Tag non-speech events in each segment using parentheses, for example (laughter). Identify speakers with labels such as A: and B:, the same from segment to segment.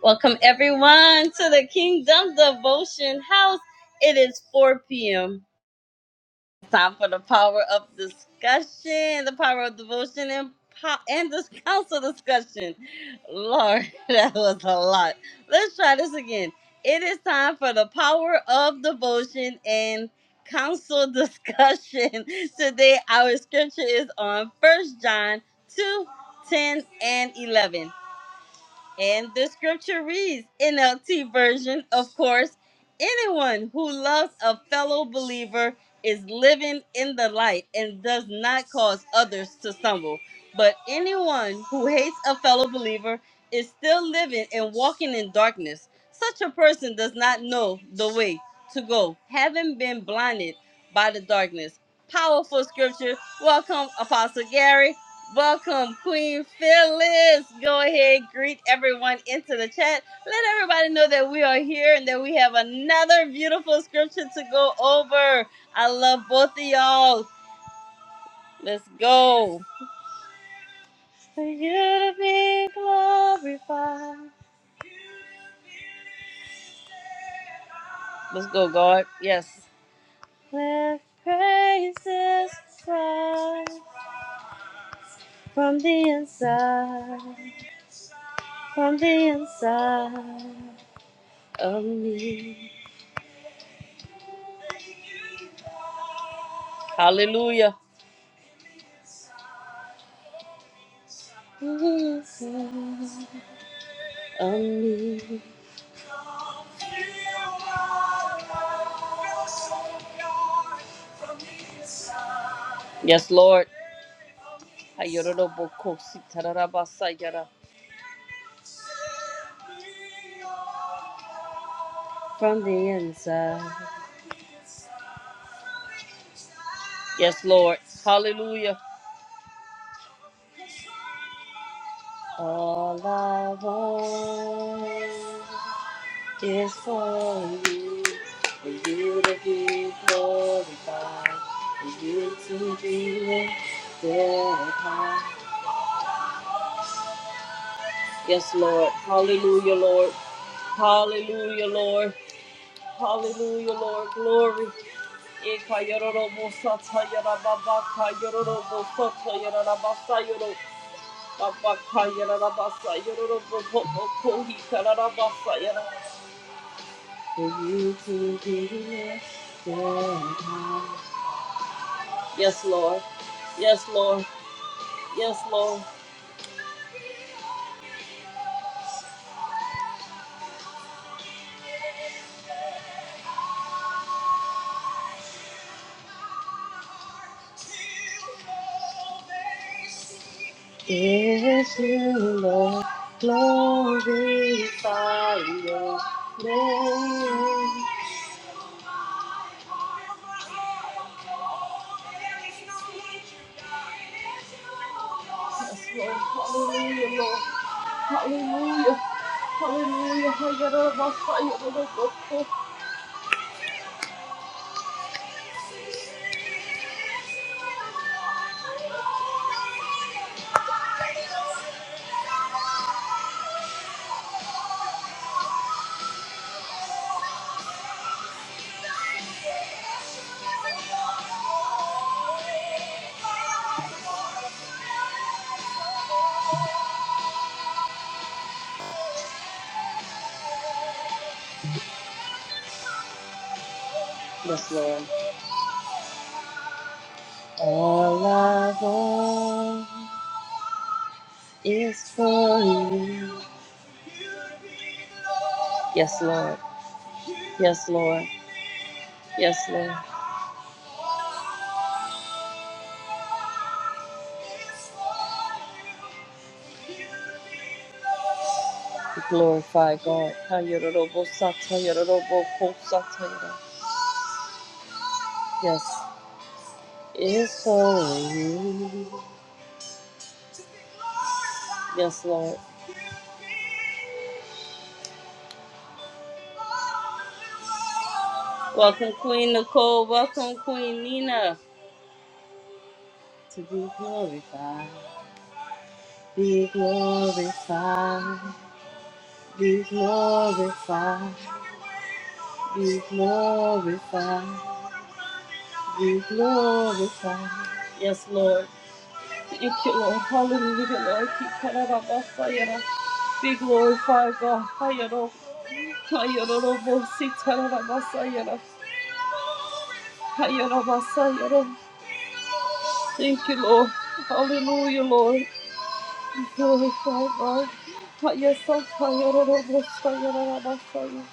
A: Welcome everyone to the Kingdom Devotion House. It is 4 p.m. Time for the power of discussion, the power of devotion, and po- and this council discussion. Lord, (laughs) that was a lot. Let's try this again. It is time for the power of devotion and council discussion. (laughs) Today, our scripture is on First John 2, 10, and 11. And the scripture reads, NLT version, of course, anyone who loves a fellow believer is living in the light and does not cause others to stumble. But anyone who hates a fellow believer is still living and walking in darkness. Such a person does not know the way to go, having been blinded by the darkness. Powerful scripture. Welcome, Apostle Gary. Welcome, Queen Phyllis. Go ahead, greet everyone into the chat. Let everybody know that we are here and that we have another beautiful scripture to go over. I love both of y'all. Let's go. For you to be glorified. Let's go, God. Yes. Let praises rise from the inside, from the inside of me. Hallelujah. On me. Yes, Lord. Ayororobokositarabasayara. From the inside. Yes, Lord. Hallelujah. All I want. It's for you, for you to be glorified, for you to be lifted high. Yes, Lord. Hallelujah, Lord. Hallelujah, Lord. Hallelujah, Lord. Glory. Eka yororo bosata yarababa ka yororo bosata yarabasa yoro. Baba ka yarabasa yororo bobo kohi karabasa yara. For you to be lifted high. Yes, Lord. Yes, Lord. Yes, Lord. Yes, you, Lord. Glorify your name. Yes, Lord. Hallelujah, Lord. Hallelujah. Hallelujah. I get out of my fire. Yes, Lord. All I want is for you. Yes, Lord. Yes, Lord. Yes, Lord. We glorify God. ha ya da da bo Yes. It's holy. Yes, Lord. Welcome, Queen Nicole. Welcome, Queen Nina. To be glorified. Be glorified. Be glorified. Be glorified. be glorified. Yes, Lord. Thank you, Lord. Hallelujah, Lord. Keep coming up, oh, Sayana. Be glorified, God. Hayano. Hayano, no more. Sitarana, Masayana. Hayano, Masayana. Thank you, Lord. Hallelujah, Lord. Be glorified, God. Yes, Lord. Hayano, no more. Sayana, Masayana.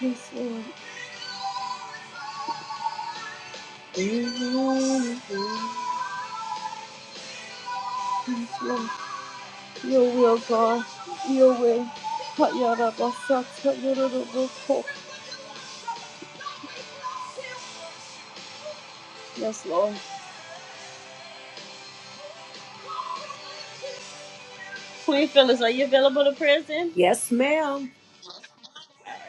A: Yes, Lord. Amen. Yes, Lord. Your will, God. Your way. Hayana, Masayana, no more. Yes, Lord. Queen Phyllis, are you available to prison?
B: Yes, ma'am.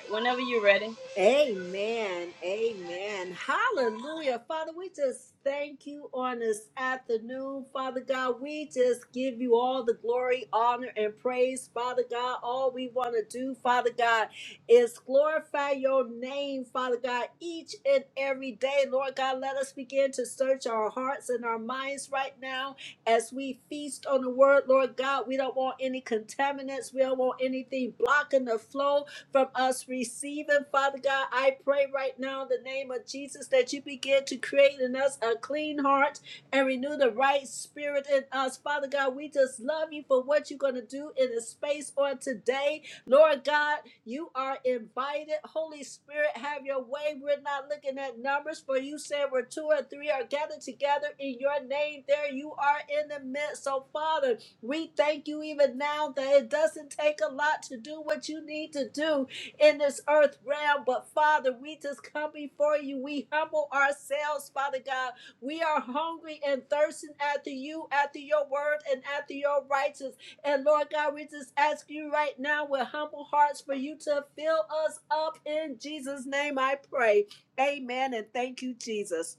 A: Whenever you're ready.
B: Amen. Amen. Hallelujah. Father, we just thank you on this afternoon. Father God, we just give you all the glory, honor, and praise. Father God, all we want to do, Father God, is glorify your name, Father God, each and every day. Lord God, let us begin to search our hearts and our minds right now as we feast on the word, Lord God. We don't want any contaminants. We don't want anything blocking the flow from us receiving. Father God, I pray right now in the name of Jesus that you begin to create in us a clean heart and renew the right spirit in us. Father God, we just love you for what you're going to do in the space on today. Lord God, you are invited. Holy Spirit, have your way. We're not looking at numbers, for you said where two or three are gathered together in your name. There you are in the midst. So, Father, we thank you even now that it doesn't take a lot to do what you need to do in this earth realm. But Father, we just come before you. We humble ourselves, Father God. We are hungry and thirsting after you, after your word, and after your righteousness. And Lord God, we just ask you right now with humble hearts for you to fill us up in Jesus' name. I pray. Amen. And thank you, Jesus.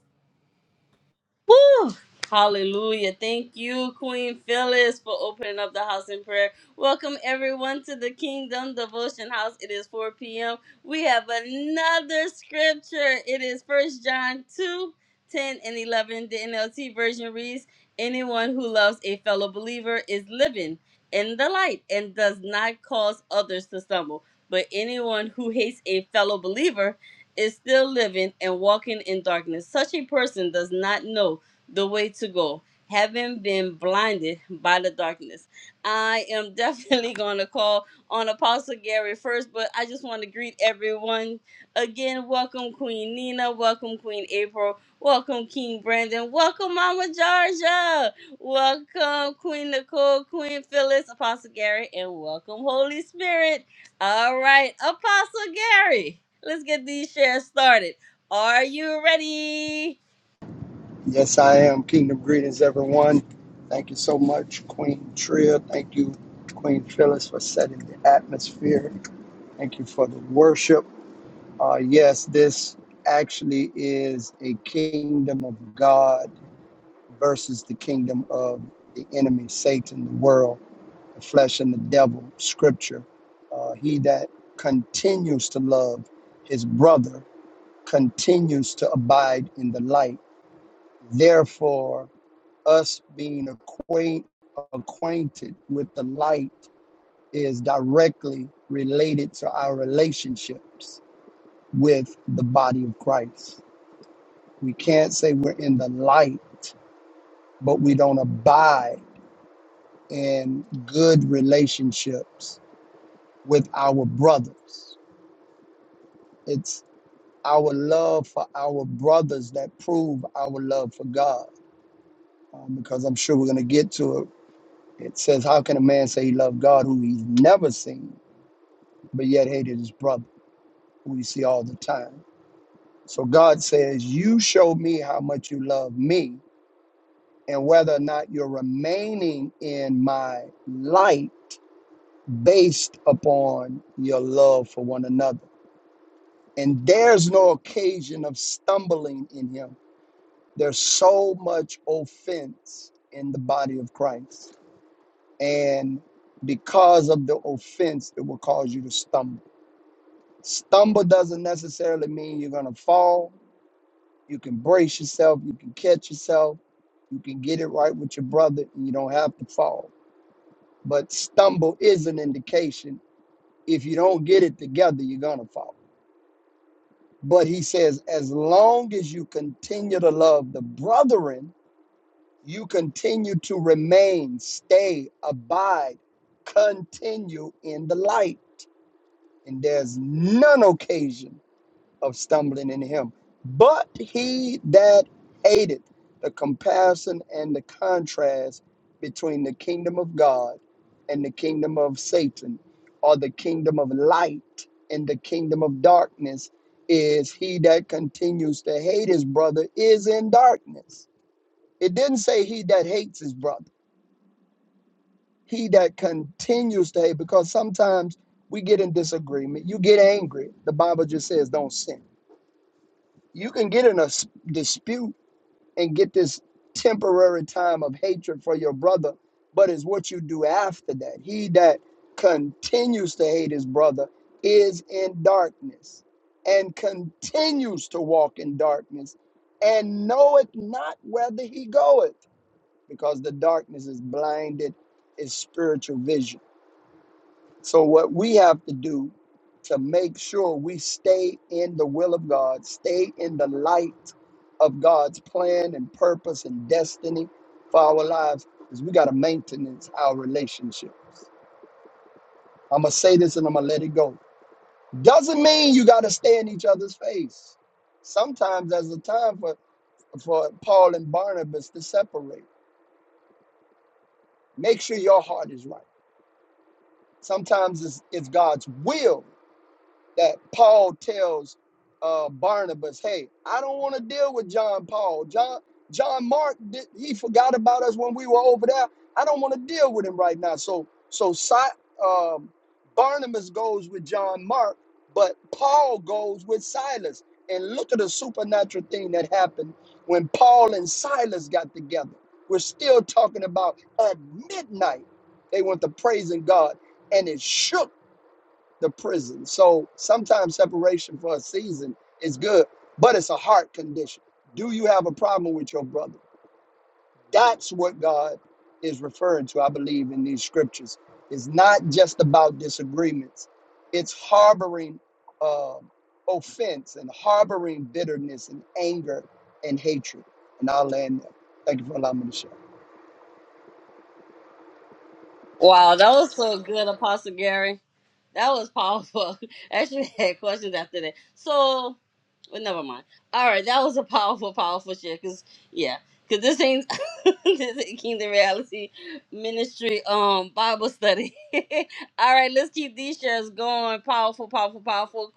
A: Woo! Hallelujah. Thank you, Queen Phyllis, for opening up the house in prayer. Welcome, everyone, to the Kingdom Devotion House. It is 4 p.m. We have another scripture. It is 1 John 2:10 and 11. The NLT version reads Anyone who loves a fellow believer is living in the light and does not cause others to stumble. But anyone who hates a fellow believer is still living and walking in darkness. Such a person does not know the way to go, having been blinded by the darkness. I am (laughs) definitely going to call on Apostle Gary first, but I just want to greet everyone again. Welcome, Queen Nina. Welcome, Queen April. Welcome, King Brandon. Welcome, Mama Georgia. Welcome, Queen Nicole, Queen Phyllis, Apostle Gary, and welcome, Holy Spirit. All right, Apostle Gary, let's get these shares started. Are you ready?
C: Yes, I am. Kingdom greetings, everyone. Thank you so much, Queen Tria. Thank you, Queen Phyllis, for setting the atmosphere. Thank you for the worship. Uh, yes, this actually is a kingdom of God versus the kingdom of the enemy, Satan, the world, the flesh, and the devil. Scripture. Uh, he that continues to love his brother continues to abide in the light. Therefore, us being acquaint, acquainted with the light is directly related to our relationships with the body of Christ. We can't say we're in the light, but we don't abide in good relationships with our brothers. It's our love for our brothers that prove our love for God. Um, because I'm sure we're going to get to it. It says, How can a man say he loved God who he's never seen? but yet hated his brother, who we see all the time. So God says, You show me how much you love me, and whether or not you're remaining in my light based upon your love for one another. And there's no occasion of stumbling in him. There's so much offense in the body of Christ. And because of the offense, it will cause you to stumble. Stumble doesn't necessarily mean you're going to fall You can brace yourself. You can catch yourself. You can get it right with your brother, and you don't have to fall. But stumble is an indication. If you don't get it together, you're going to fall. But he says, as long as you continue to love the brethren, you continue to remain, stay, abide, continue in the light. And there's none occasion of stumbling in him. But he that hated the comparison and the contrast between the kingdom of God and the kingdom of Satan, or the kingdom of light and the kingdom of darkness, is he that continues to hate his brother is in darkness. It didn't say he that hates his brother, he that continues to hate, because sometimes we get in disagreement. You get angry. The Bible just says don't sin You can get in a s- dispute and get this temporary time of hatred for your brother, but it's what you do after that. He that continues to hate his brother is in darkness and continues to walk in darkness and knoweth not whether he goeth because the darkness is blinded, is spiritual vision. So, what we have to do to make sure we stay in the will of God, stay in the light of God's plan and purpose and destiny for our lives, is we got to maintain our relationships. I'm going to say this and I'm going to let it go. Doesn't mean you got to stay in each other's face. Sometimes there's a time for, for Paul and Barnabas to separate. Make sure your heart is right. Sometimes it's, it's God's will that Paul tells uh, Barnabas, "Hey, I don't want to deal with John Paul. John John Mark, did, he forgot about us when we were over there. I don't want to deal with him right now." So so Si- um, Barnabas goes with John Mark, but Paul goes with Silas. And look at the supernatural thing that happened when Paul and Silas got together. We're still talking about at midnight they went to praising God, and it shook the prison. So sometimes separation for a season is good, but it's a heart condition. Do you have a problem with your brother? That's what God is referring to, I believe, in these scriptures. It's not just about disagreements, it's harboring uh, offense and harboring bitterness and anger and hatred. And I'll land there. Thank you for allowing me to share.
A: Wow, that was so good, Apostle Gary. That was powerful. (laughs) I Actually, had questions after that. So, but never mind. All right, that was a powerful, powerful share. Cause yeah, cause this ain't (laughs) this ain't Kingdom Reality Ministry um Bible study. (laughs) All right, let's keep these shares going. Powerful, powerful, powerful.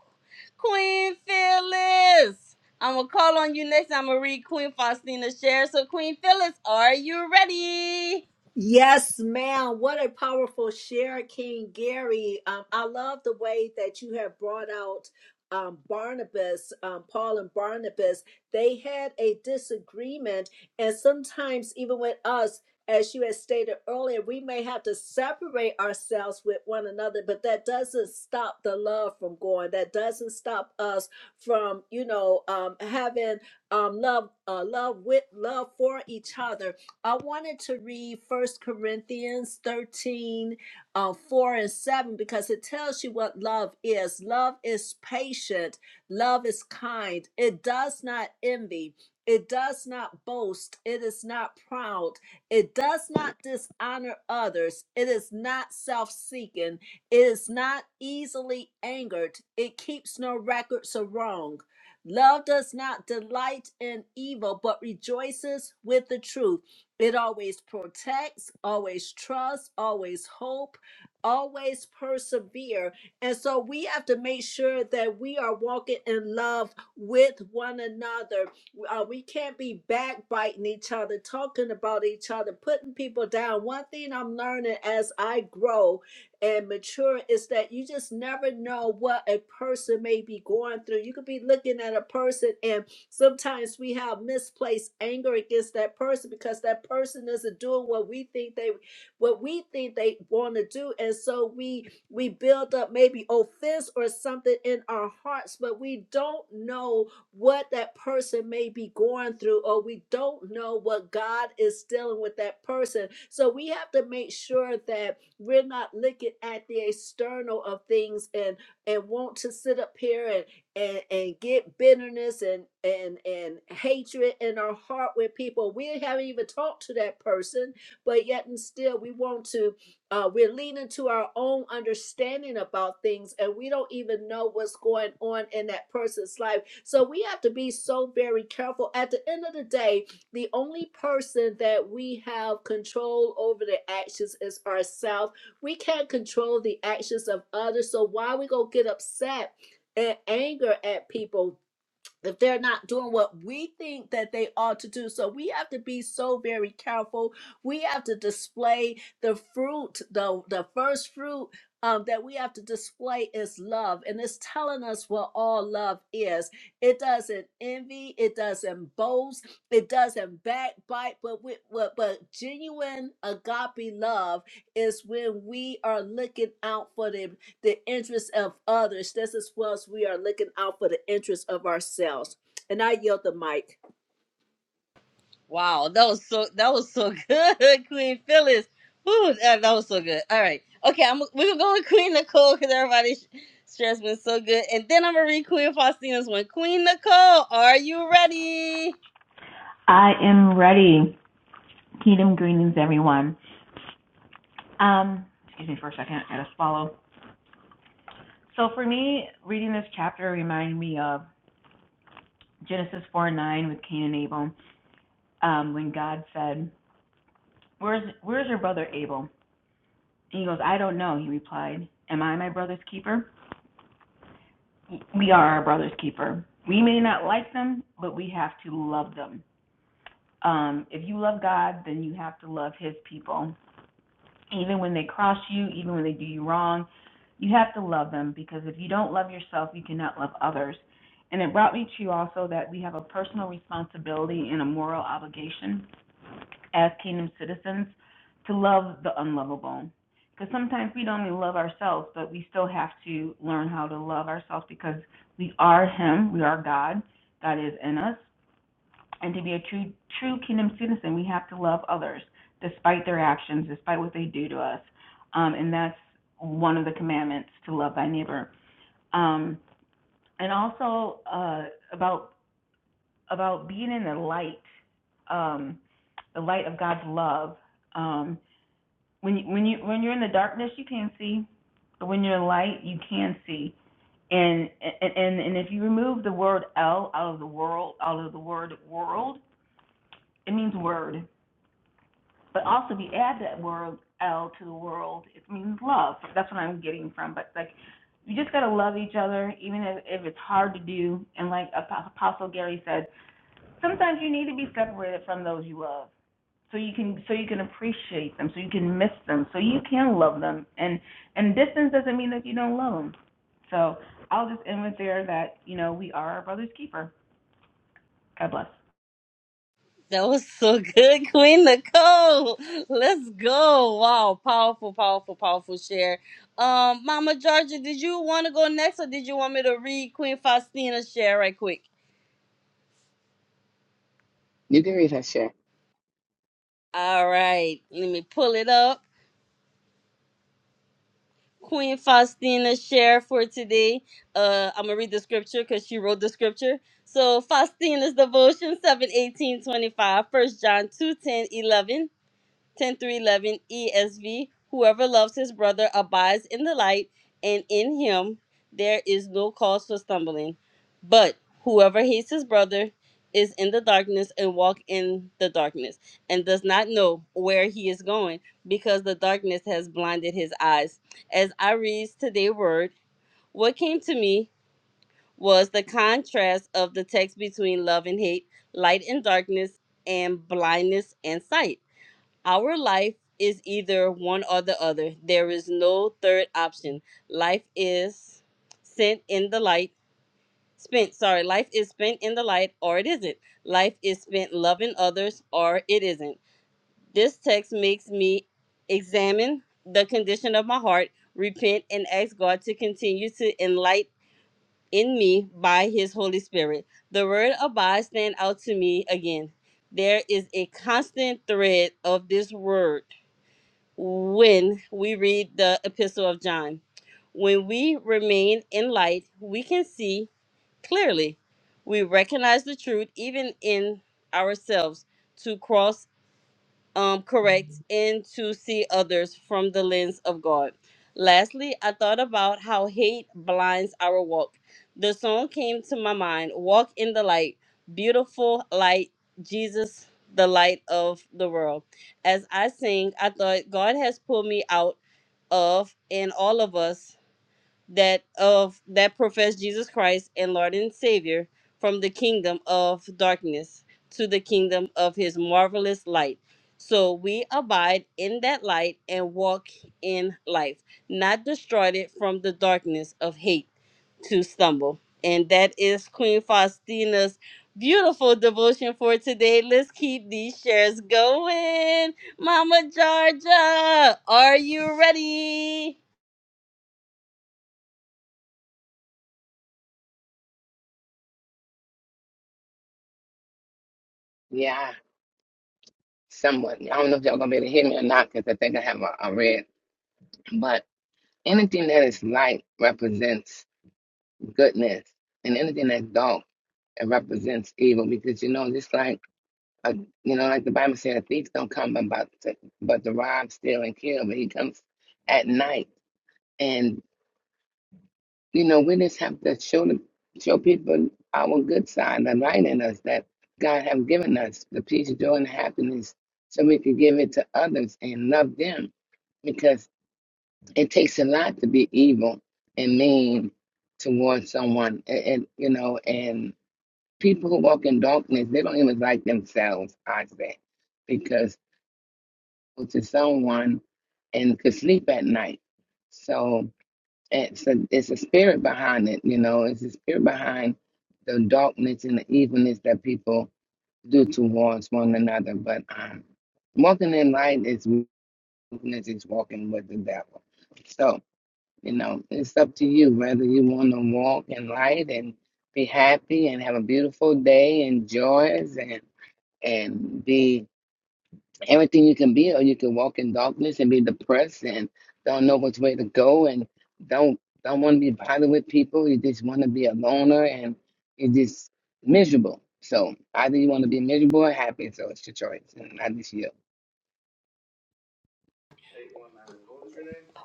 A: Queen Phyllis, I'm gonna call on you next. I'm gonna read Queen Faustina's share. So, Queen Phyllis, are you ready?
B: Yes, ma'am. What a powerful share, King Gary. Um, I love the way that you have brought out um, Barnabas, um, Paul and Barnabas. They had a disagreement, and sometimes, even with us, as you had stated earlier, we may have to separate ourselves with one another, but that doesn't stop the love from going. That doesn't stop us from, you know, um, having um, love, uh, love with love for each other I wanted to read First Corinthians 13, uh, 4 and 7, because it tells you what love is. Love is patient, love is kind, it does not envy. It does not boast. It is not proud. It does not dishonor others. It is not self seeking. It is not easily angered. It keeps no records of wrong. Love does not delight in evil, but rejoices with the truth it always protects, always trusts, always hope, always persevere. And so we have to make sure that we are walking in love with one another. Uh, we can't be backbiting each other, talking about each other, putting people down. One thing I'm learning as I grow and mature is that you just never know what a person may be going through. You could be looking at a person and Sometimes we have misplaced anger against that person because that person isn't doing what we think they what we think they want to do. And so we we build up maybe offense or something in our hearts, but we don't know what that person may be going through, or we don't know what God is dealing with that person. So we have to make sure that we're not looking at the external of things and and want to sit up here and and and get bitterness and and and hatred in our heart with people we haven't even talked to that person but yet and still we want to uh we're leaning to our own understanding about things and we don't even know what's going on in that person's life so we have to be so very careful at the end of the day the only person that we have control over the actions is ourselves we can't control the actions of others so why we gonna get upset and anger at people if they're not doing what we think that they ought to do. So we have to be so very careful. We have to display the fruit, the the first fruit um, that we have to display is love, and it's telling us what all love is. It doesn't envy, it doesn't boast, it doesn't backbite, but with, but, but genuine agape love is when we are looking out for them the interests of others just as well as we are looking out for the interests of ourselves. And I yield the mic.
A: Wow, that was so that was so good, (laughs) Queen Phyllis. Woo, that, that was so good. All right, okay, I'm we're gonna go with Queen Nicole because everybody's share's been so good, and then I'm gonna read Queen Faustina's one. Queen Nicole, are you ready?
D: I am ready. Kingdom greetings, everyone. Um, excuse me for a second. I gotta swallow. So for me, reading this chapter reminded me of Genesis 4 9 with Cain and Abel, um, when God said, "Where's Where's your brother Abel?" And he goes, "I don't know." He replied, "Am I my brother's keeper? We are our brother's keeper. We may not like them, but we have to love them. Um, if you love God, then you have to love His people. even when they cross you, even when they do you wrong, you have to love them because if you don't love yourself, you cannot love others. And it brought me to also that we have a personal responsibility and a moral obligation as kingdom citizens to love the unlovable. Because sometimes we don't even love ourselves, but we still have to learn how to love ourselves because we are Him, we are God, God is in us, and to be a true, true kingdom citizen, we have to love others despite their actions, despite what they do to us. Um, and that's one of the commandments to love thy neighbor. Um, and also uh, about about being in the light, um, the light of God's love. Um, when you, when you when you're in the darkness, you can't see, but when you're in light, you can see. And and and and if you remove the word L out of the world, out of the word world, it means word. But also, if you add that word L to the world, it means love. That's what I'm getting from. But like, you just gotta love each other, even if, if it's hard to do. And like Apostle Gary said, sometimes you need to be separated from those you love, so you can so you can appreciate them, so you can miss them, so you can love them. And and distance doesn't mean that you don't love them. So I'll just end with there that you know we are our brother's keeper. God bless.
A: That was so good, (laughs) Queen Nicole. Let's go. Wow, powerful, powerful, powerful share. Um, Mama Georgia, did you want to go next, or did you want me to read Queen Faustina's share right quick?
E: You can read her shit.
A: All right, let me pull it up. Queen Faustina share for today. Uh, I'm gonna read the scripture because she wrote the scripture. So Faustina's devotion 7, 18, 25, First John 2, 10, 11. 10 through 11 ESV. Whoever loves his brother abides in the light, and in him there is no cause for stumbling. But whoever hates his brother is in the darkness and walk in the darkness and does not know where he is going because the darkness has blinded his eyes. As I read today's word, what came to me was the contrast of the text between love and hate, light and darkness, and blindness and sight our life is either one or the other. There is no third option. Life is sent in the light, spent, sorry, life is spent in the light or it isn't. Life is spent loving others or it isn't. This text makes me examine the condition of my heart, repent, and ask God to continue to enlighten in me by his Holy Spirit. The word abide stand out to me again. There is a constant thread of this word when we read the epistle of John. When we remain in light, we can see clearly. We recognize the truth even in ourselves. To cross um, correct and to see others from the lens of God. Lastly, I thought about how hate blinds our walk. The song came to my mind Walk in the Light, Beautiful Light, Jesus, the light of the world. As I sing, I thought God has pulled me out of and all of us that of that profess Jesus Christ and Lord and Savior from the kingdom of darkness to the kingdom of his marvelous light. So we abide in that light and walk in life, not destroyed it from the darkness of hate to stumble. And that is Queen Faustina's beautiful devotion for today. Let's keep these shares going. Mama Georgia, are you ready?
E: Yeah, somewhat. I don't know if y'all gonna be able to hear me or not because I think I have a, a red. But anything that is light represents goodness, and anything that's dark it represents evil. Because you know, just like a, you know, like the Bible said, a thief don't come about to, but to rob, steal, and kill. But he comes at night, and. You know, we just have to show the, show people our good side, the light in us that God have given us, the peace, joy, and happiness, so we can give it to others and love them. Because it takes a lot to be evil and mean towards someone, and, and you know, and people who walk in darkness, they don't even like themselves. I say, because go to someone and could sleep at night. So it's a it's a spirit behind it, you know. It's a spirit behind the darkness and the evilness that people do towards one another. But um, walking in light is weakness is walking with the devil. So you know, it's up to you whether you want to walk in light and be happy and have a beautiful day and joys and and be everything you can be, or you can walk in darkness and be depressed and don't know which way to go and don't don't want to be bothered with people. You just want to be a loner and you're just miserable. So either you want to be miserable or happy. So it's your choice, and I just you.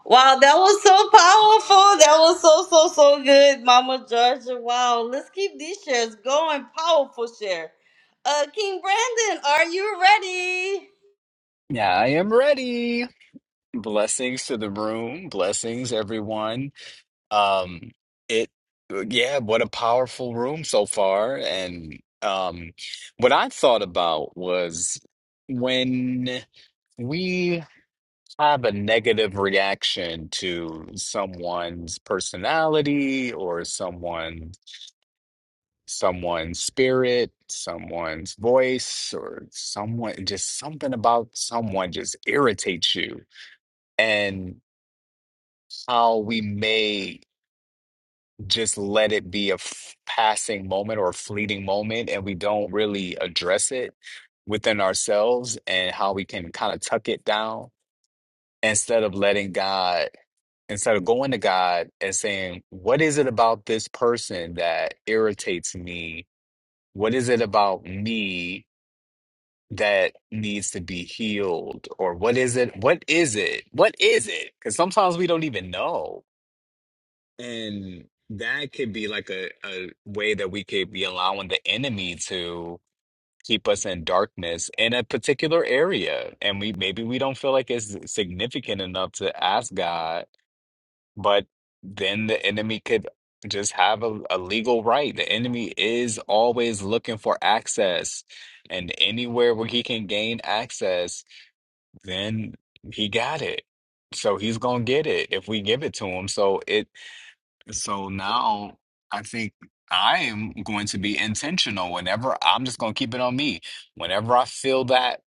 A: Wow, that was so powerful. That was so, so, so good, Mama Georgia. Wow, let's keep these shares going. Powerful share. Uh, King Brandon, are you ready?
F: Yeah, I am ready. Blessings to the room. Blessings, everyone. Um, it, uh, yeah, what a powerful room so far. And um, what I thought about was when we have a negative reaction to someone's personality or someone, someone's spirit, someone's voice, or someone, just something about someone just irritates you and how we may just let it be a f- passing moment or a fleeting moment and we don't really address it within ourselves and how we can kind of tuck it down instead of letting God, instead of going to God and saying, What is it about this person that irritates me? What is it about me that needs to be healed? Or what is it? What is it? What is it? Because sometimes we don't even know And that could be like a, a way that we could be allowing the enemy to keep us in darkness in a particular area. And we maybe we don't feel like it's significant enough to ask God, but then the enemy could just have a, a legal right. The enemy is always looking for access, and anywhere where he can gain access, then he got it. So he's gonna get it if we give it to him. So it so now I think I am going to be intentional whenever I'm just going to keep it on me. Whenever I feel that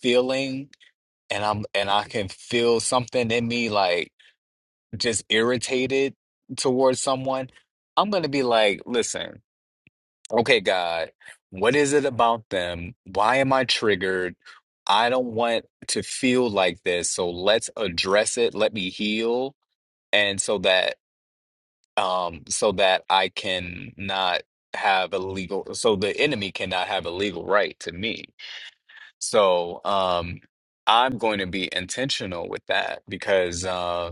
F: feeling and I'm and I can feel something in me like just irritated towards someone, I'm going to be like, listen, okay, God, what is it about them? Why am I triggered? I don't want to feel like this. So let's address it. Let me heal. And so that um, so that I can not have a legal, so the enemy cannot have a legal right to me. So um, I'm going to be intentional with that because, uh,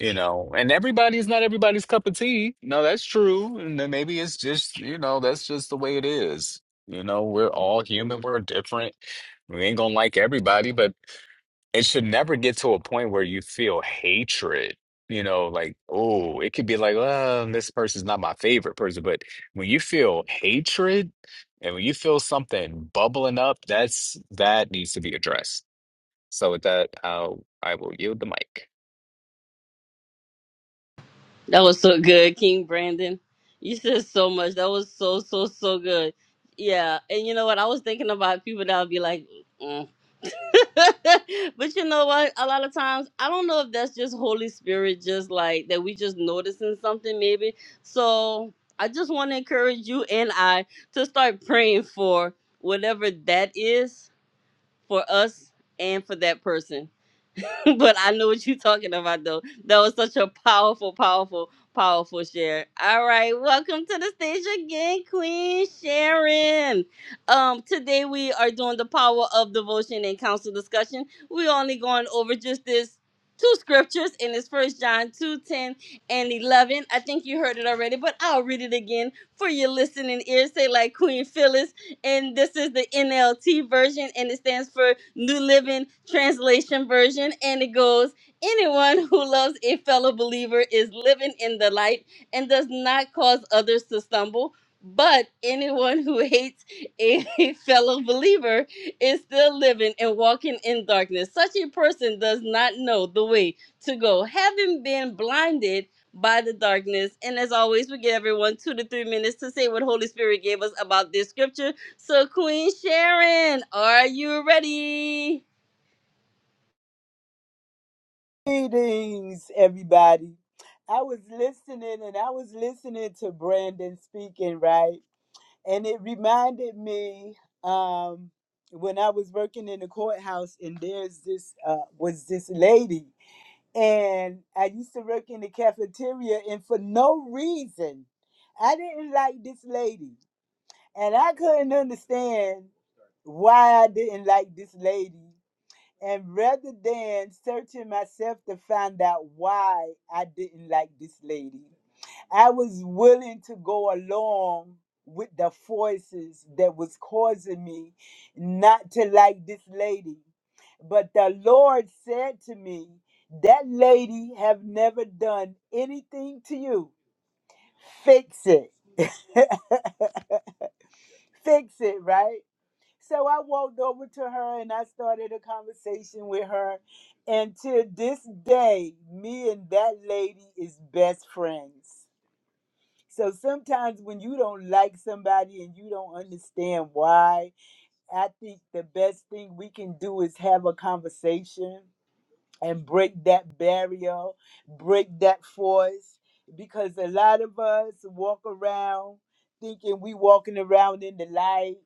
F: you know, and everybody's not everybody's cup of tea. No, that's true. And then maybe it's just, you know, that's just the way it is. You know, we're all human, we're different. We ain't gonna like everybody, but it should never get to a point where you feel hatred. You know, like, oh, it could be like, well, this person's not my favorite person. But when you feel hatred and when you feel something bubbling up, that's that needs to be addressed. So with that, I'll, I will yield the mic.
A: That was so good, King Brandon. You said so much. That was so, so, so good. Yeah, and you know what? I was thinking about people that would be like, mm, (laughs) but you know what? A lot of times, I don't know if that's just Holy Spirit, just like that we just noticing something maybe. So I just want to encourage you and I to start praying for whatever that is for us and for that person. (laughs) but I know what you're talking about, though. That was such a powerful, powerful, powerful share. All right, welcome to the stage again, Queen Sharon. Um, today we are doing the power of devotion and council discussion. We're only going over just this two scriptures in this first john 2 10 and 11 i think you heard it already but i'll read it again for your listening ears say like queen phyllis and this is the NLT version, and it stands for New Living Translation Version. And it goes, Anyone who loves a fellow believer is living in the light and does not cause others to stumble. But anyone who hates a (laughs) fellow believer is still living and walking in darkness. Such a person does not know the way to go, having been blinded by the darkness. And as always, we give everyone two to three minutes to say what Holy Spirit gave us about this scripture. So, Queen Sharon, are you ready?
G: Greetings, everybody. I was listening and I was listening to Brandon speaking, right? And it reminded me um, when I was working in the courthouse, and there's this uh, was this lady, and I used to work in the cafeteria, and for no reason, I didn't like this lady, and I couldn't understand why I didn't like this lady and rather than searching myself to find out why I didn't like this lady, I was willing to go along with the forces that was causing me not to like this lady. But the Lord said to me, that lady have never done anything to you. Fix it. (laughs) Fix it, right? So I walked over to her and I started a conversation with her. And to this day, me and that lady is best friends. So sometimes when you don't like somebody and you don't understand why, I think the best thing we can do is have a conversation and break that barrier, break that force, because a lot of us walk around thinking we walking around in the light,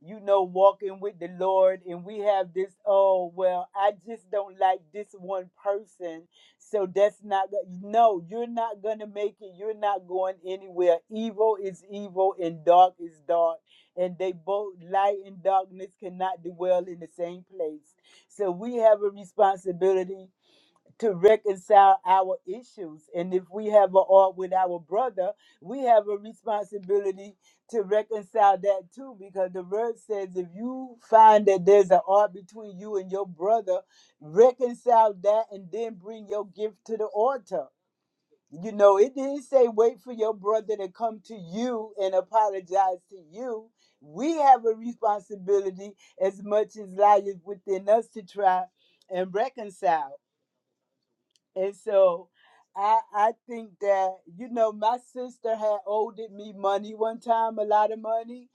G: you know, walking with the Lord, and we have this, oh well, I just don't like this one person, so that's not go-" no, you're not gonna make it, you're not going anywhere. Evil is evil and dark is dark, and they both light and darkness cannot dwell in the same place. So we have a responsibility to reconcile our issues. And if we have a art with our brother, we have a responsibility to reconcile that too, because the word says if you find that there's an art between you and your brother, reconcile that and then bring your gift to the altar. You know, it didn't say wait for your brother to come to you and apologize to you. We have a responsibility as much as lies within us to try and reconcile. And so I I think that, you know, my sister had owed me money one time, a lot of money,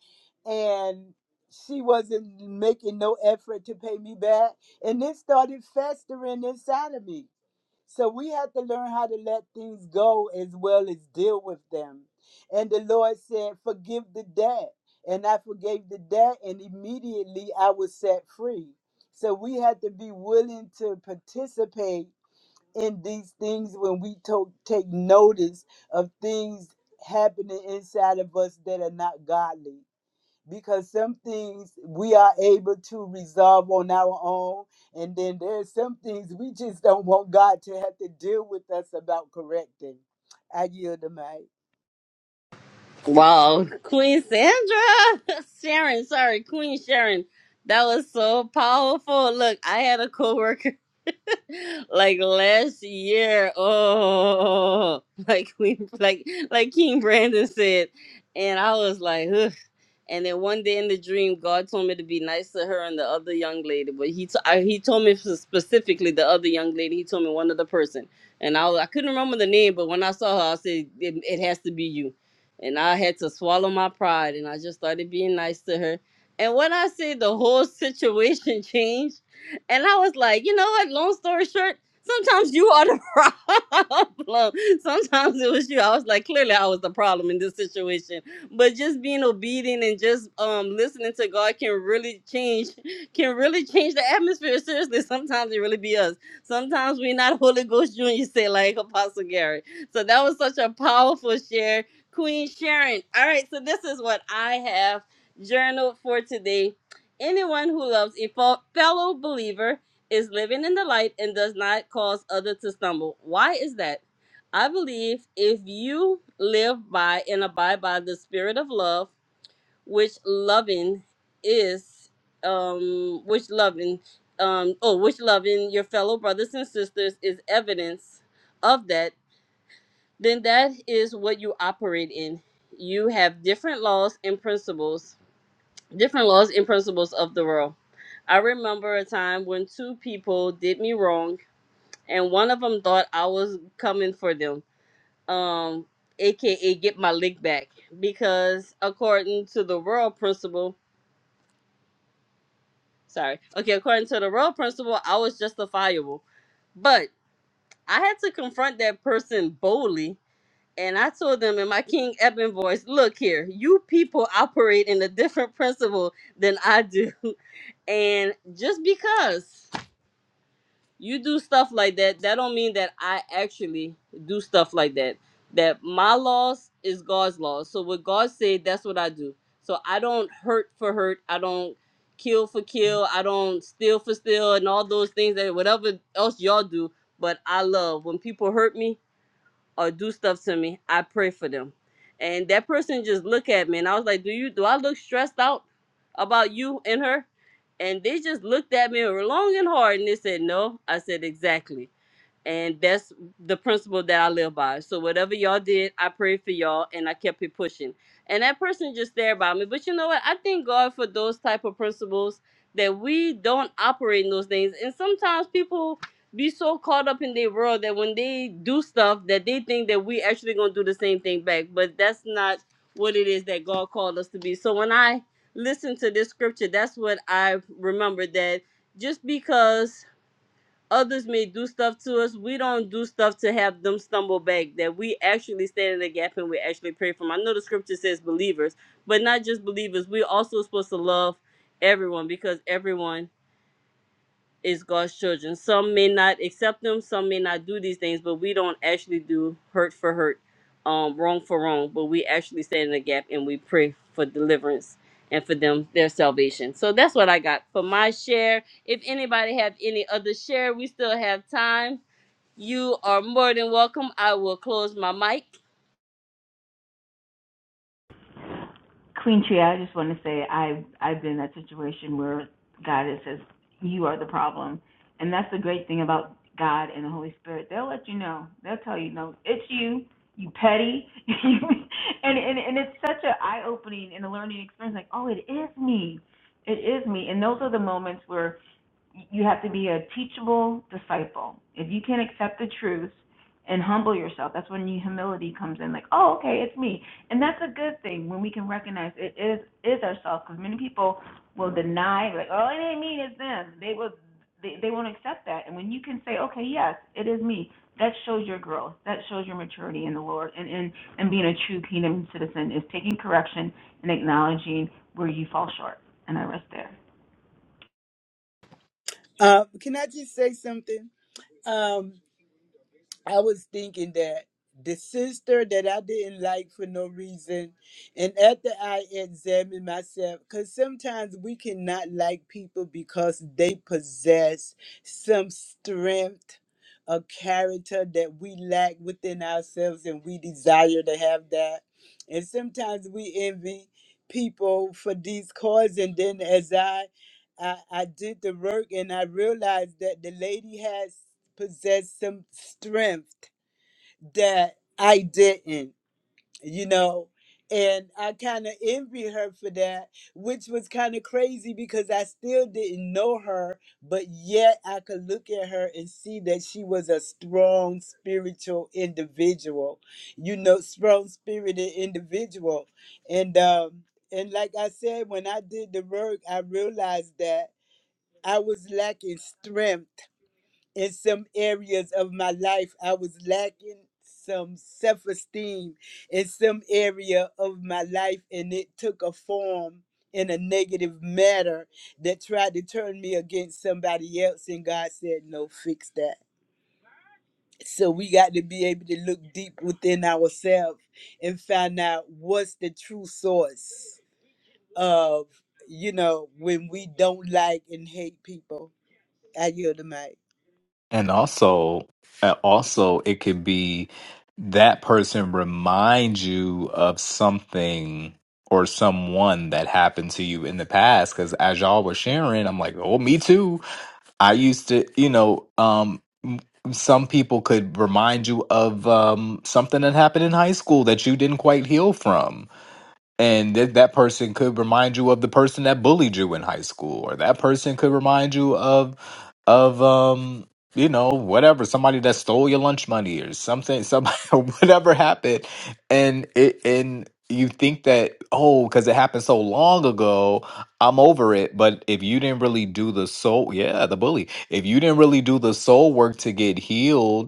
G: and she wasn't making no effort to pay me back. And it started festering inside of me. So we have to learn how to let things go as well as deal with them. And the Lord said, Forgive the debt. And I forgave the debt, and immediately I was set free. So we had to be willing to participate in these things when we to- take notice of things happening inside of us that are not godly. Because some things we are able to resolve on our own, and then there's some things we just don't want God to have to deal with us about correcting. I yield the mic.
A: Wow, Queen Sandra, (laughs) Sharon, sorry, Queen Sharon, that was so powerful. Look, I had a coworker (laughs) like last year. Oh, (laughs) like Queen, like like King Brandon said, and I was like, ugh. And then one day in the dream, God told me to be nice to her and the other young lady. But he t- I, he told me specifically the other young lady. He told me one other person, and I was- I couldn't remember the name. But when I saw her, I said it, it has to be you. And I had to swallow my pride, and I just started being nice to her. And when I say the whole situation (laughs) changed, and I was like, you know what? Long story short, sometimes you are the (laughs) problem. Sometimes it was you. I was like, clearly I was the problem in this situation but just being obedient and just um listening to God can really change (laughs) can really change the atmosphere. Seriously, sometimes it really be us. Sometimes we're not (laughs) Holy Ghost Junior say like Apostle Gary. So that was such a powerful share. Queen Sharon. All right, so this is what I have journaled for today. Anyone who loves a fo- fellow believer is living in the light and does not cause others to stumble. Why is that? I believe if you live by and abide by the spirit of love, which loving is, um, which loving, um, oh, which loving your fellow brothers and sisters is evidence of that, then that is what you operate in. You have different laws and principles, different laws and principles of the world. I remember a time when two people did me wrong, and one of them thought I was coming for them um aka get my lick back because according to the royal principle sorry okay according to the royal principle i was justifiable but i had to confront that person boldly and i told them in my king Eben voice look here you people operate in a different principle than i do (laughs) and just because you do stuff like that that don't mean that i actually do stuff like that that my laws is god's laws so what god said that's what i do so i don't hurt for hurt i don't kill for kill i don't steal for steal and all those things that whatever else y'all do but i love when people hurt me or do stuff to me, I pray for them. And that person just look at me and I was like, Do you do I look stressed out about you and her? And they just looked at me long and hard and they said, No. I said, Exactly and that's the principle that I live by. So whatever y'all did, I prayed for y'all, and I kept it pushing. And that person just stared by me. But you know what? I thank God for those type of principles that we don't operate in those things. And sometimes people be so caught up in their world that when they do stuff that they think that we actually gonna do the same thing back. But that's not what it is that God called us to be. So when I listen to this scripture, that's what I remember that just because others may do stuff to us. We don't do stuff to have them stumble back. That we actually stand in the gap and we actually pray for them. I know the scripture says believers, but not just believers. We're also supposed to love everyone because everyone is God's children. Some may not accept them, some may not do these things, but we don't actually do hurt for hurt, um, wrong for wrong, but we actually stand in the gap and we pray for deliverance and for them their salvation. So that's what I got for my share. If anybody have any other share, we still have time. You are more than welcome. I will close my mic.
D: Queen Tree, I just want to say I I've been in that situation where God says you are the problem, and that's the great thing about God and the Holy Spirit. They'll let you know. They'll tell you, no, it's you. You petty, (laughs) and and and it's such an eye opening and a learning experience. Like, oh, it is me. It is me. And those are the moments where you have to be a teachable disciple. If you can accept the truth and humble yourself, that's when humility comes in. Like, oh, okay, it's me, and that's a good thing when we can recognize it is is ourselves. Because many people will deny, like, oh, it ain't me, it's them. They will, they they won't accept that. And when you can say, okay, yes, it is me, that shows your growth. That shows your maturity in the Lord, and and and being a true kingdom citizen is taking correction and acknowledging where you fall short. And I rest there.
G: Uh, can I just say something? Um, I was thinking that the sister that I didn't like for no reason, and after I examined myself, because sometimes we cannot like people because they possess some strength, a character that we lack within ourselves, and we desire to have that. And sometimes we envy people for these causes, and then as I I, I did the work and I realized that the lady has possess some strength that I didn't, you know. And I kind of envy her for that, which was kind of crazy because I still didn't know her, but yet I could look at her and see that she was a strong spiritual individual, you know, strong spirited individual. And um, and like I said, when I did the work, I realized that I was lacking strength in some areas of my life i was lacking some self-esteem in some area of my life and it took a form in a negative manner that tried to turn me against somebody else and god said no fix that so we got to be able to look deep within ourselves and find out what's the true source of you know when we don't like and hate people i yield the mic
F: And also, uh, also, it could be that person reminds you of something or someone that happened to you in the past. Because as y'all were sharing, I'm like, oh, me too. I used to, you know, um, m- some people could remind you of um, something that happened in high school that you didn't quite heal from and that that person could remind you of the person that bullied you in high school or that person could remind you of of um you know whatever somebody that stole your lunch money or something somebody (laughs) whatever happened and it and you think that oh because it happened so long ago i'm over it but if you didn't really do the soul yeah the bully if you didn't really do the soul work to get healed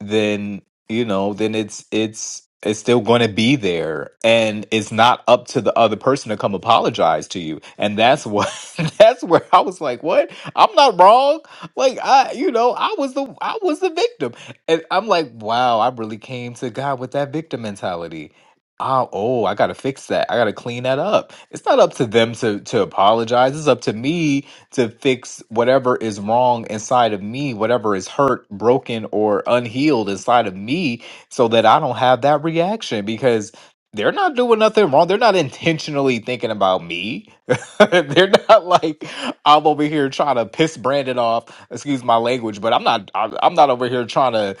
F: then you know then it's it's it's still going to be there and it's not up to the other person to come apologize to you and that's what (laughs) that's where i was like what i'm not wrong like i you know i was the i was the victim and i'm like wow i really came to god with that victim mentality oh oh i gotta fix that i gotta clean that up it's not up to them to to apologize it's up to me to fix whatever is wrong inside of me, whatever is hurt, broken, or unhealed inside of me, so that I don't have that reaction because they're not doing nothing wrong. They're not (laughs) intentionally thinking about me. (laughs) they're not like I'm over here trying to piss Brandon off. Excuse my language, but I'm not. I'm I'm not over here trying to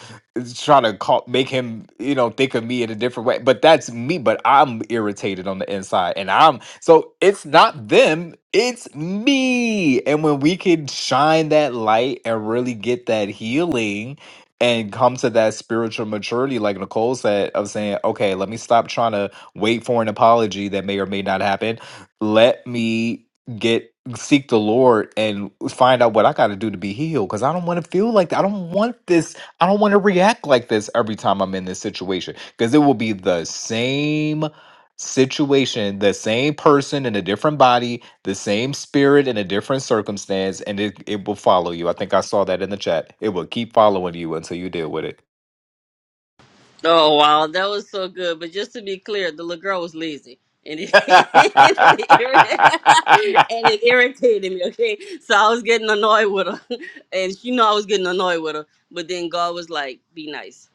F: trying to call, make him, you know, think of me in a different way. But that's me. But I'm irritated on the inside, and I'm so it's not them, it's me. And when we can shine that light and really get that healing and come to that spiritual maturity, like Nicole said, of saying, okay, let me stop trying to wait for an apology that may or may not happen. Let me get seek the Lord and find out what I got to do to be healed because I don't want to feel like I don't want this. I don't want to react like this every time I'm in this situation because it will be the same situation, the same person in a different body, the same spirit in a different circumstance, and it, it will follow you. I think I saw that in the chat. It will keep following you until you deal with
A: Oh wow, that was so good. But just to be clear, the little girl was lazy. And it, (laughs) and, it irritated,
F: it.
A: (laughs)
F: (laughs)
A: and it irritated me, okay? So I was getting annoyed with her. (laughs) And she knew I was getting annoyed with her. But then God was like, be nice.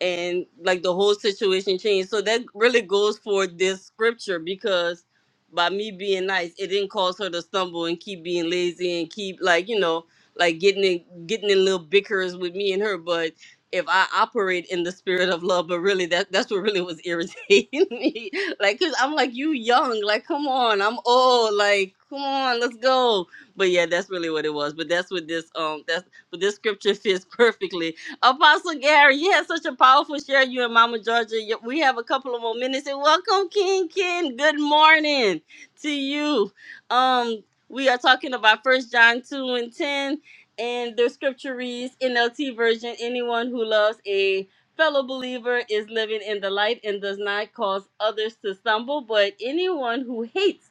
A: And like the whole situation changed. So that really goes for this scripture because by me being nice, it didn't cause her to stumble and keep being lazy and keep like, you know, like getting in getting in little bickers with me and her. but if I operate in the spirit of love, but really that that's what really was irritating (laughs) me. Like, cause I'm like, you young, like, come on, I'm old, like, come on, let's go. But yeah, that's really what it was. But that's what this um that's but this scripture fits perfectly. Apostle Gary, you had such a powerful share. You and Mama Georgia, You- we have a couple of more minutes. And welcome, King Ken. Good morning to you. Um, we are talking about First John two and ten and the scripture reads NLT version Anyone who loves a fellow believer is living in the light and does not cause others to stumble, but anyone who hates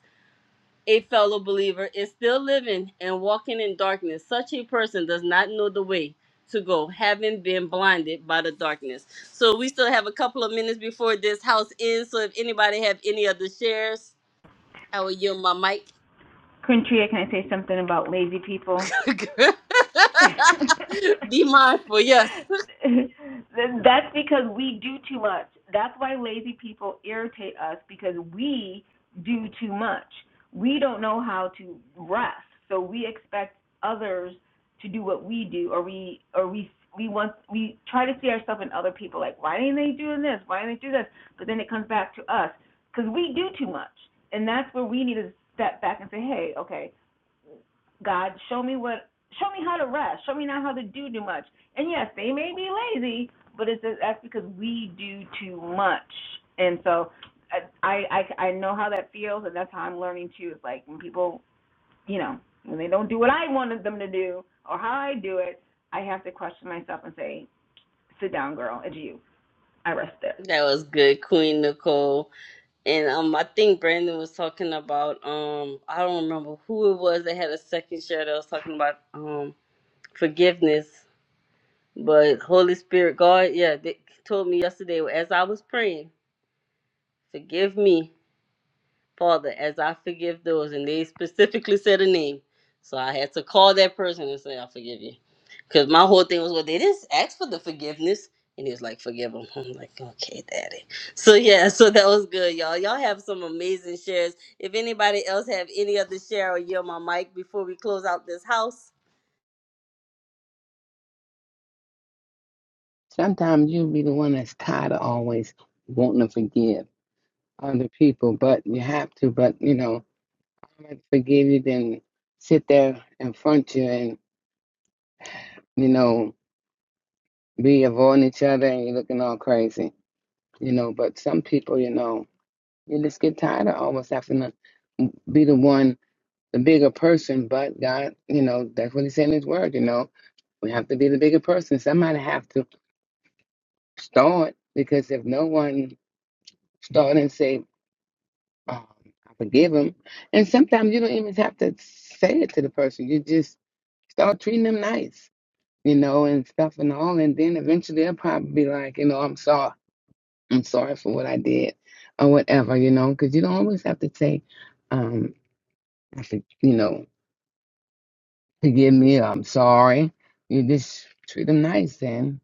A: a fellow believer is still living and walking in darkness. Such a person does not know the way to go, having been blinded by the darkness. So we still have a couple of minutes before this house ends. So if anybody have any other shares, I will yield my mic.
D: Quintria, can I say something about lazy people?
A: (laughs)
D: (laughs)
A: Be mindful, yes.
D: That's because we do too much. That's why lazy people irritate us because we do too much. We don't know how to rest, so we expect others to do what we do, or we or we we want we try to see ourselves in other people. Like, why didn't they doing this? Why didn't they do this? But then it comes back to us because we do too much, and that's where we need to step back and say, hey, okay, God, show me what, show me how to rest. Show me not how to do too much. And yes, they may be lazy, but it's just, that's because we do too much. And so I, I I know how that feels, and that's how I'm learning too. It's like when people, you know, when they don't do what I wanted them to do or how I do it, I have to question myself and say, "Sit down, girl. It's you. I rest there."
A: That was good, Queen Nicole. And um, I think Brandon was talking about um, I don't remember who it was that had a second share that was talking about um forgiveness. But Holy Spirit, God, yeah, they told me yesterday as I was praying, forgive me Father, as I forgive those, and they specifically said a name. So I had to call that person and say, I forgive you. Because my whole thing was, well, they didn't ask for the forgiveness. And he was like, forgive them. (laughs) I'm like, okay, daddy. So yeah, so that was good, y'all. Y'all have some amazing shares. If anybody else have any other share or yield my mic before we close out this house.
E: Sometimes you'll be the one that's tired of always wanting to forgive other people, but you have to. But you know, I'd rather forgive you than sit there and front of you and you know be avoiding each other and you're looking all crazy. you know. But some people, you know, you just get tired of almost having to be the one, the bigger person. But God, you know, that's what He said in His Word. You know, we have to be the bigger person. Somebody have to start because if no one start and say, oh, "I forgive him," and sometimes you don't even have to say it to the person. You just start treating them nice, you know, and stuff and all, and then eventually they'll probably be like, you know, I'm sorry. I'm sorry for what I did or whatever, you know, because you don't always have to say, um, I for, you know, forgive me or I'm sorry. You just treat them nice and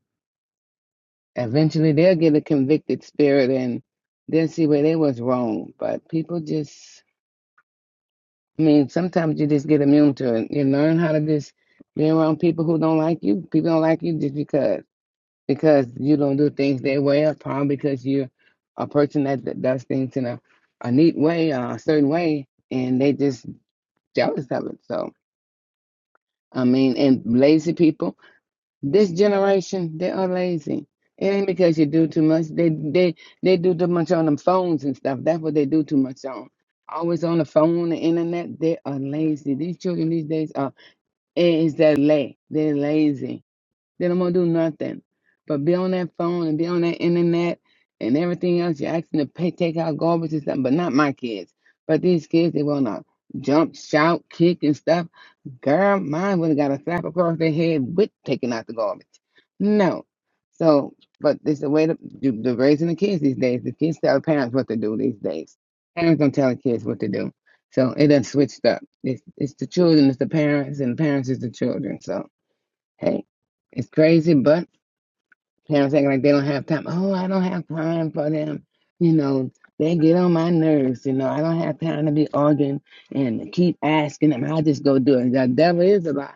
E: eventually they'll get a convicted spirit and they'll see where they was wrong. But people just, I mean, sometimes you just get immune to it. You learn how to just be around people who don't like you. People don't like you just because. because you don't do things their way or probably because you're a person that, that does things in a, a neat way or a certain way and they just jealous of it so i mean and lazy people this generation they are lazy it ain't because you do too much they they they do too much on them phones and stuff that's what they do too much on always on the phone the internet they are lazy these children these days are is that lay they're lazy they don't want to do nothing but be on that phone and be on that internet and everything else. You're asking to pay, take out garbage and stuff, but not my kids. But these kids, they want to jump, shout, kick, and stuff. Girl, mine would have got a slap across their head with taking out the garbage. No. So, but it's the way to do the raising the kids these days. The kids tell parents what to do these days. Parents don't tell the kids what to do. So it done switched up. It's, it's the children, it's the parents, and parents is the children. So Hey, it's crazy, but parents acting like they don't have time. Oh, I don't have time for them. You know, they get on my nerves. You know, I don't have time to be arguing and keep asking them. I just go do it. The devil is a lie.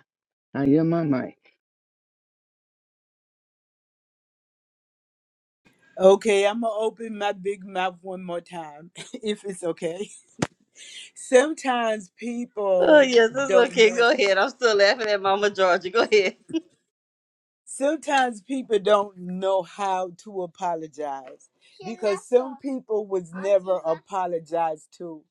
E: I hear my mic.
G: Okay, I'm gonna open my big mouth one more time, (laughs) if it's okay. Sometimes
A: Oh,
G: people
A: yes, that's
G: don't
A: okay.
G: know.
A: Go ahead. I'm still laughing at Mama Georgia. Go ahead.
G: Sometimes people don't know how to apologize because some people was never apologized to.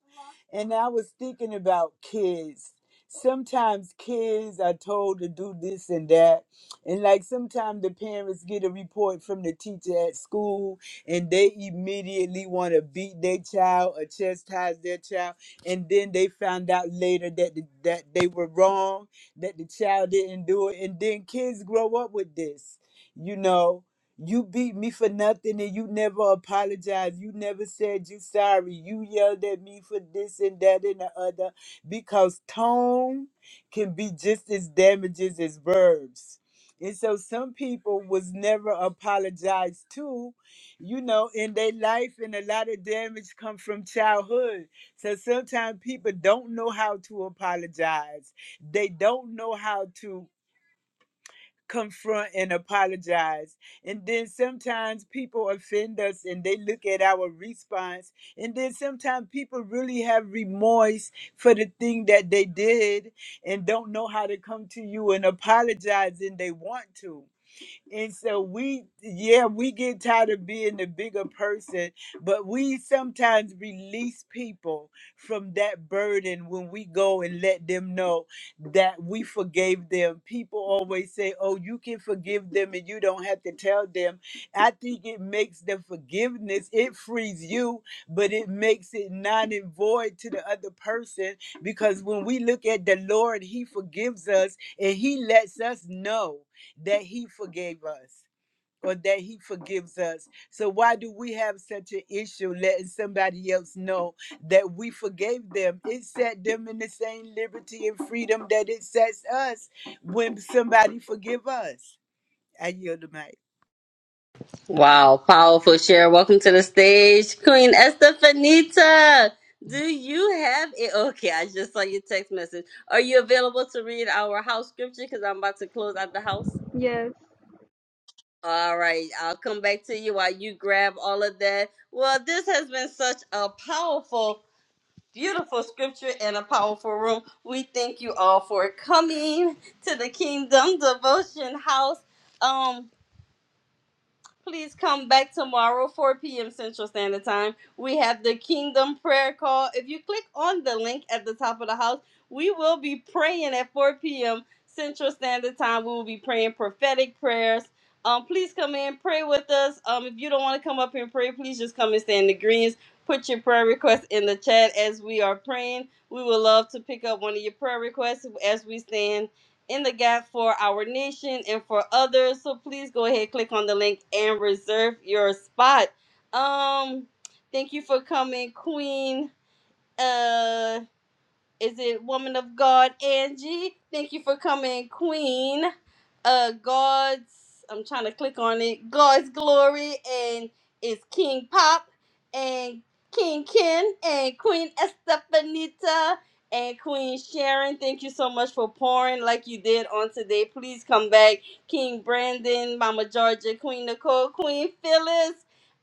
G: And I was thinking about kids. Sometimes kids are told to do this and that. And like sometimes the parents get a report from the teacher at school and they immediately want to beat their child or chastise their child. And then they found out later that, the, that they were wrong, that the child didn't do it. And then kids grow up with this, you know. You beat me for nothing and you never apologized. You never said you sorry. You yelled at me for this and that and the other because tone can be just as damaging as verbs. And so some people was never apologized to, you know, in their life and a lot of damage come from childhood. So sometimes people don't know how to apologize. They don't know how to confront and apologize. And then sometimes people offend us and they look at our response. And then sometimes people really have remorse for the thing that they did and don't know how to come to you and apologize and they want to. And so we, yeah, we get tired of being the bigger person, but we sometimes release people from that burden when we go and let them know that we forgave them. People always say, oh, you can forgive them and you don't have to tell them. I think it makes the forgiveness, it frees you, but it makes it non and void to the other person because when we look at the Lord, He forgives us and He lets us know that he forgave us or that he forgives us. So why do we have such an issue letting somebody else know that we forgave them? It set them in the same liberty and freedom that it sets us when somebody forgive us. I yield the mic.
A: Wow, powerful share. Welcome to the stage, Queen Estefanita. Do you have it? Okay, I just saw your text message. Are you available to read our house scripture? Because I'm about to close out the house.
H: Yes.
A: All right, I'll come back to you while you grab all of that. Well, this has been such a powerful, beautiful scripture and a powerful room. We thank you all for coming to the Kingdom Devotion House. Um, Please come back tomorrow, 4 p.m. Central Standard Time. We have the Kingdom Prayer Call. If you click on the link at the top of the house, we will be praying at 4 p.m. Central Standard Time. We will be praying prophetic prayers. Um, please come in, pray with us. Um, if you don't want to come up and pray, please just come and stand in the greens. Put your prayer request in the chat as we are praying. We would love to pick up one of your prayer requests as we stand in the gap for our nation and for others. So please go ahead, click on the link and reserve your spot. Um, thank you for coming, Queen. Uh is it woman of God, Angie? Thank you for coming, Queen. Uh, God's. I'm trying to click on it. God's glory and it's King Pop and King Ken and Queen Estefanita and Queen Sharon. Thank you so much for pouring like you did on today. Please come back, King Brandon, Mama Georgia, Queen Nicole, Queen Phyllis.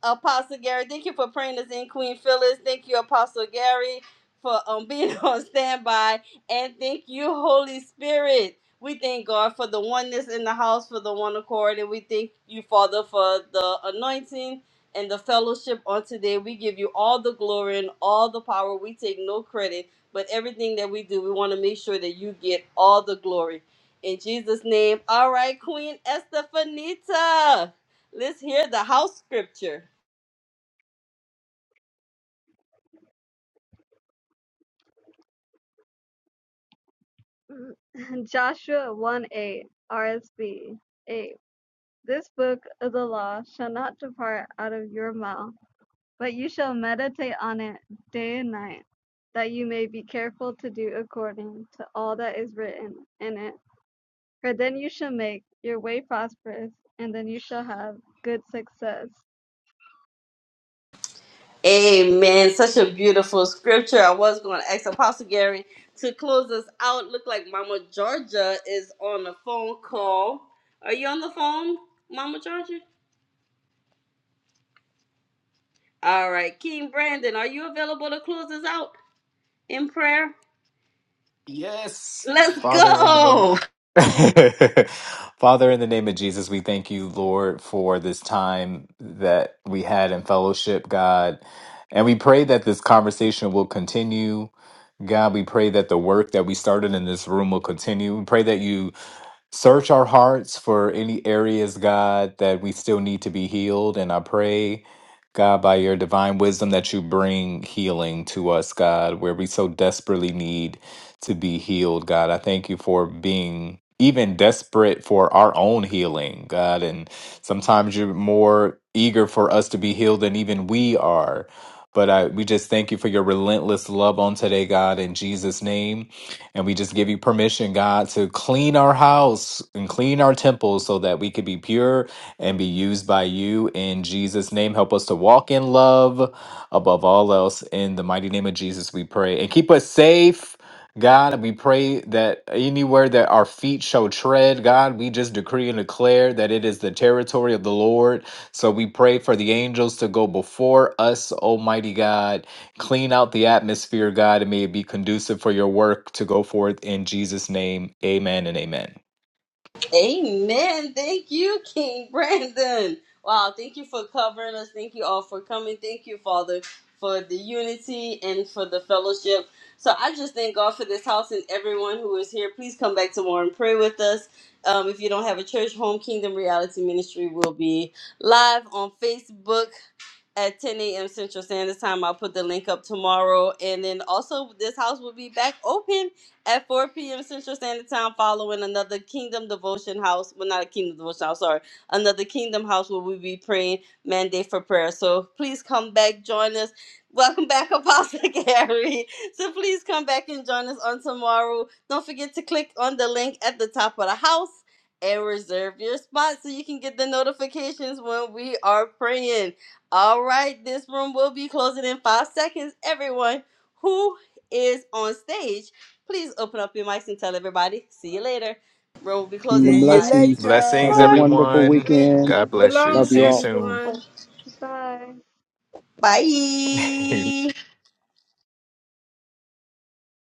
A: Apostle Gary, thank you for praying us in, Queen Phyllis. Thank you, Apostle Gary for um, being (laughs) on standby. And thank you, Holy Spirit. We thank God for the oneness in the house, for the one accord. And we thank you, Father, for the anointing and the fellowship on today. We give you all the glory and all the power. We take no credit, but everything that we do, we want to make sure that you get all the glory. In Jesus' name. All right, Queen Estefanita. Let's hear the house scripture.
H: (laughs) Joshua 1a, RSB. 8. This book of the law shall not depart out of your mouth, but you shall meditate on it day and night, that you may be careful to do according to all that is written in it. For then you shall make your way prosperous, and then you shall have good success.
A: Amen. Such a beautiful scripture. I was going to ask Apostle Gary to close us out. Look like Mama Georgia is on the phone call. Are you on the phone, Mama Georgia? All right. King Brandon, are you available to close us out in prayer?
F: Yes.
A: Let's
F: Father, in the name
A: go.
F: (laughs) Father, in the name of Jesus, we thank you, Lord, for this time that we had in fellowship, God. And we pray that this conversation will continue. God, we pray that the work that we started in this room will continue. We pray that you Search our hearts for any areas, God, that we still need to be healed. And I pray, God, by your divine wisdom, that you bring healing to us, God, where we so desperately need to be healed, God. I thank you for being even desperate for our own healing, God. And sometimes you're more eager for us to be healed than even we are. But I, we just thank you for your relentless love on today, God, in Jesus' name. And we just give you permission, God, to clean our house and clean our temple so that we could be pure and be used by you in Jesus' name. Help us to walk in love above all else. In the mighty name of Jesus, we pray. And keep us safe, God. And we pray that anywhere that our feet shall tread, God, we just decree and declare that it is the territory of the Lord. So we pray for the angels to go before us, Almighty God Clean out the atmosphere, God, and may it be conducive for your work to go forth in Jesus' name. Amen and amen.
A: Amen. Thank you, King Brandon. Wow, thank you for covering us. Thank you all for coming. Thank you, Father, for the unity and for the fellowship. So I just thank God for this house and everyone who is here. Please come back tomorrow and pray with us. Um, if you don't have a church, Home Kingdom Reality Ministry will be live on Facebook at 10 a.m. Central Standard Time. I'll put the link up tomorrow. And then also, this house will be back open at 4 p.m. Central Standard Time following another Kingdom Devotion House. Well, not a Kingdom Devotion House, sorry. Another Kingdom House where we'll be praying mandate for prayer. So please come back, join us. Welcome back, (laughs) Apostle Gary. So please come back and join us on tomorrow. Don't forget to click on the link at the top of the house and reserve your spot so you can get the notifications when we are praying. All right, this room will be closing in five seconds. Everyone who is on stage, please open up your mics and tell everybody. See you later. Room will be closing
G: See
C: Kingdom
A: in
G: you
A: five,
C: blessings. Have
F: Blessings,
C: a
G: later.
A: four,
C: wonderful
F: everyone.
A: three,
C: weekend.
F: God bless you.
B: Shalom,
C: Love
A: two,
F: See
C: you
F: you
C: all.
F: soon.
A: one.
B: everyone.
H: Bye.
F: (laughs)
A: Bye.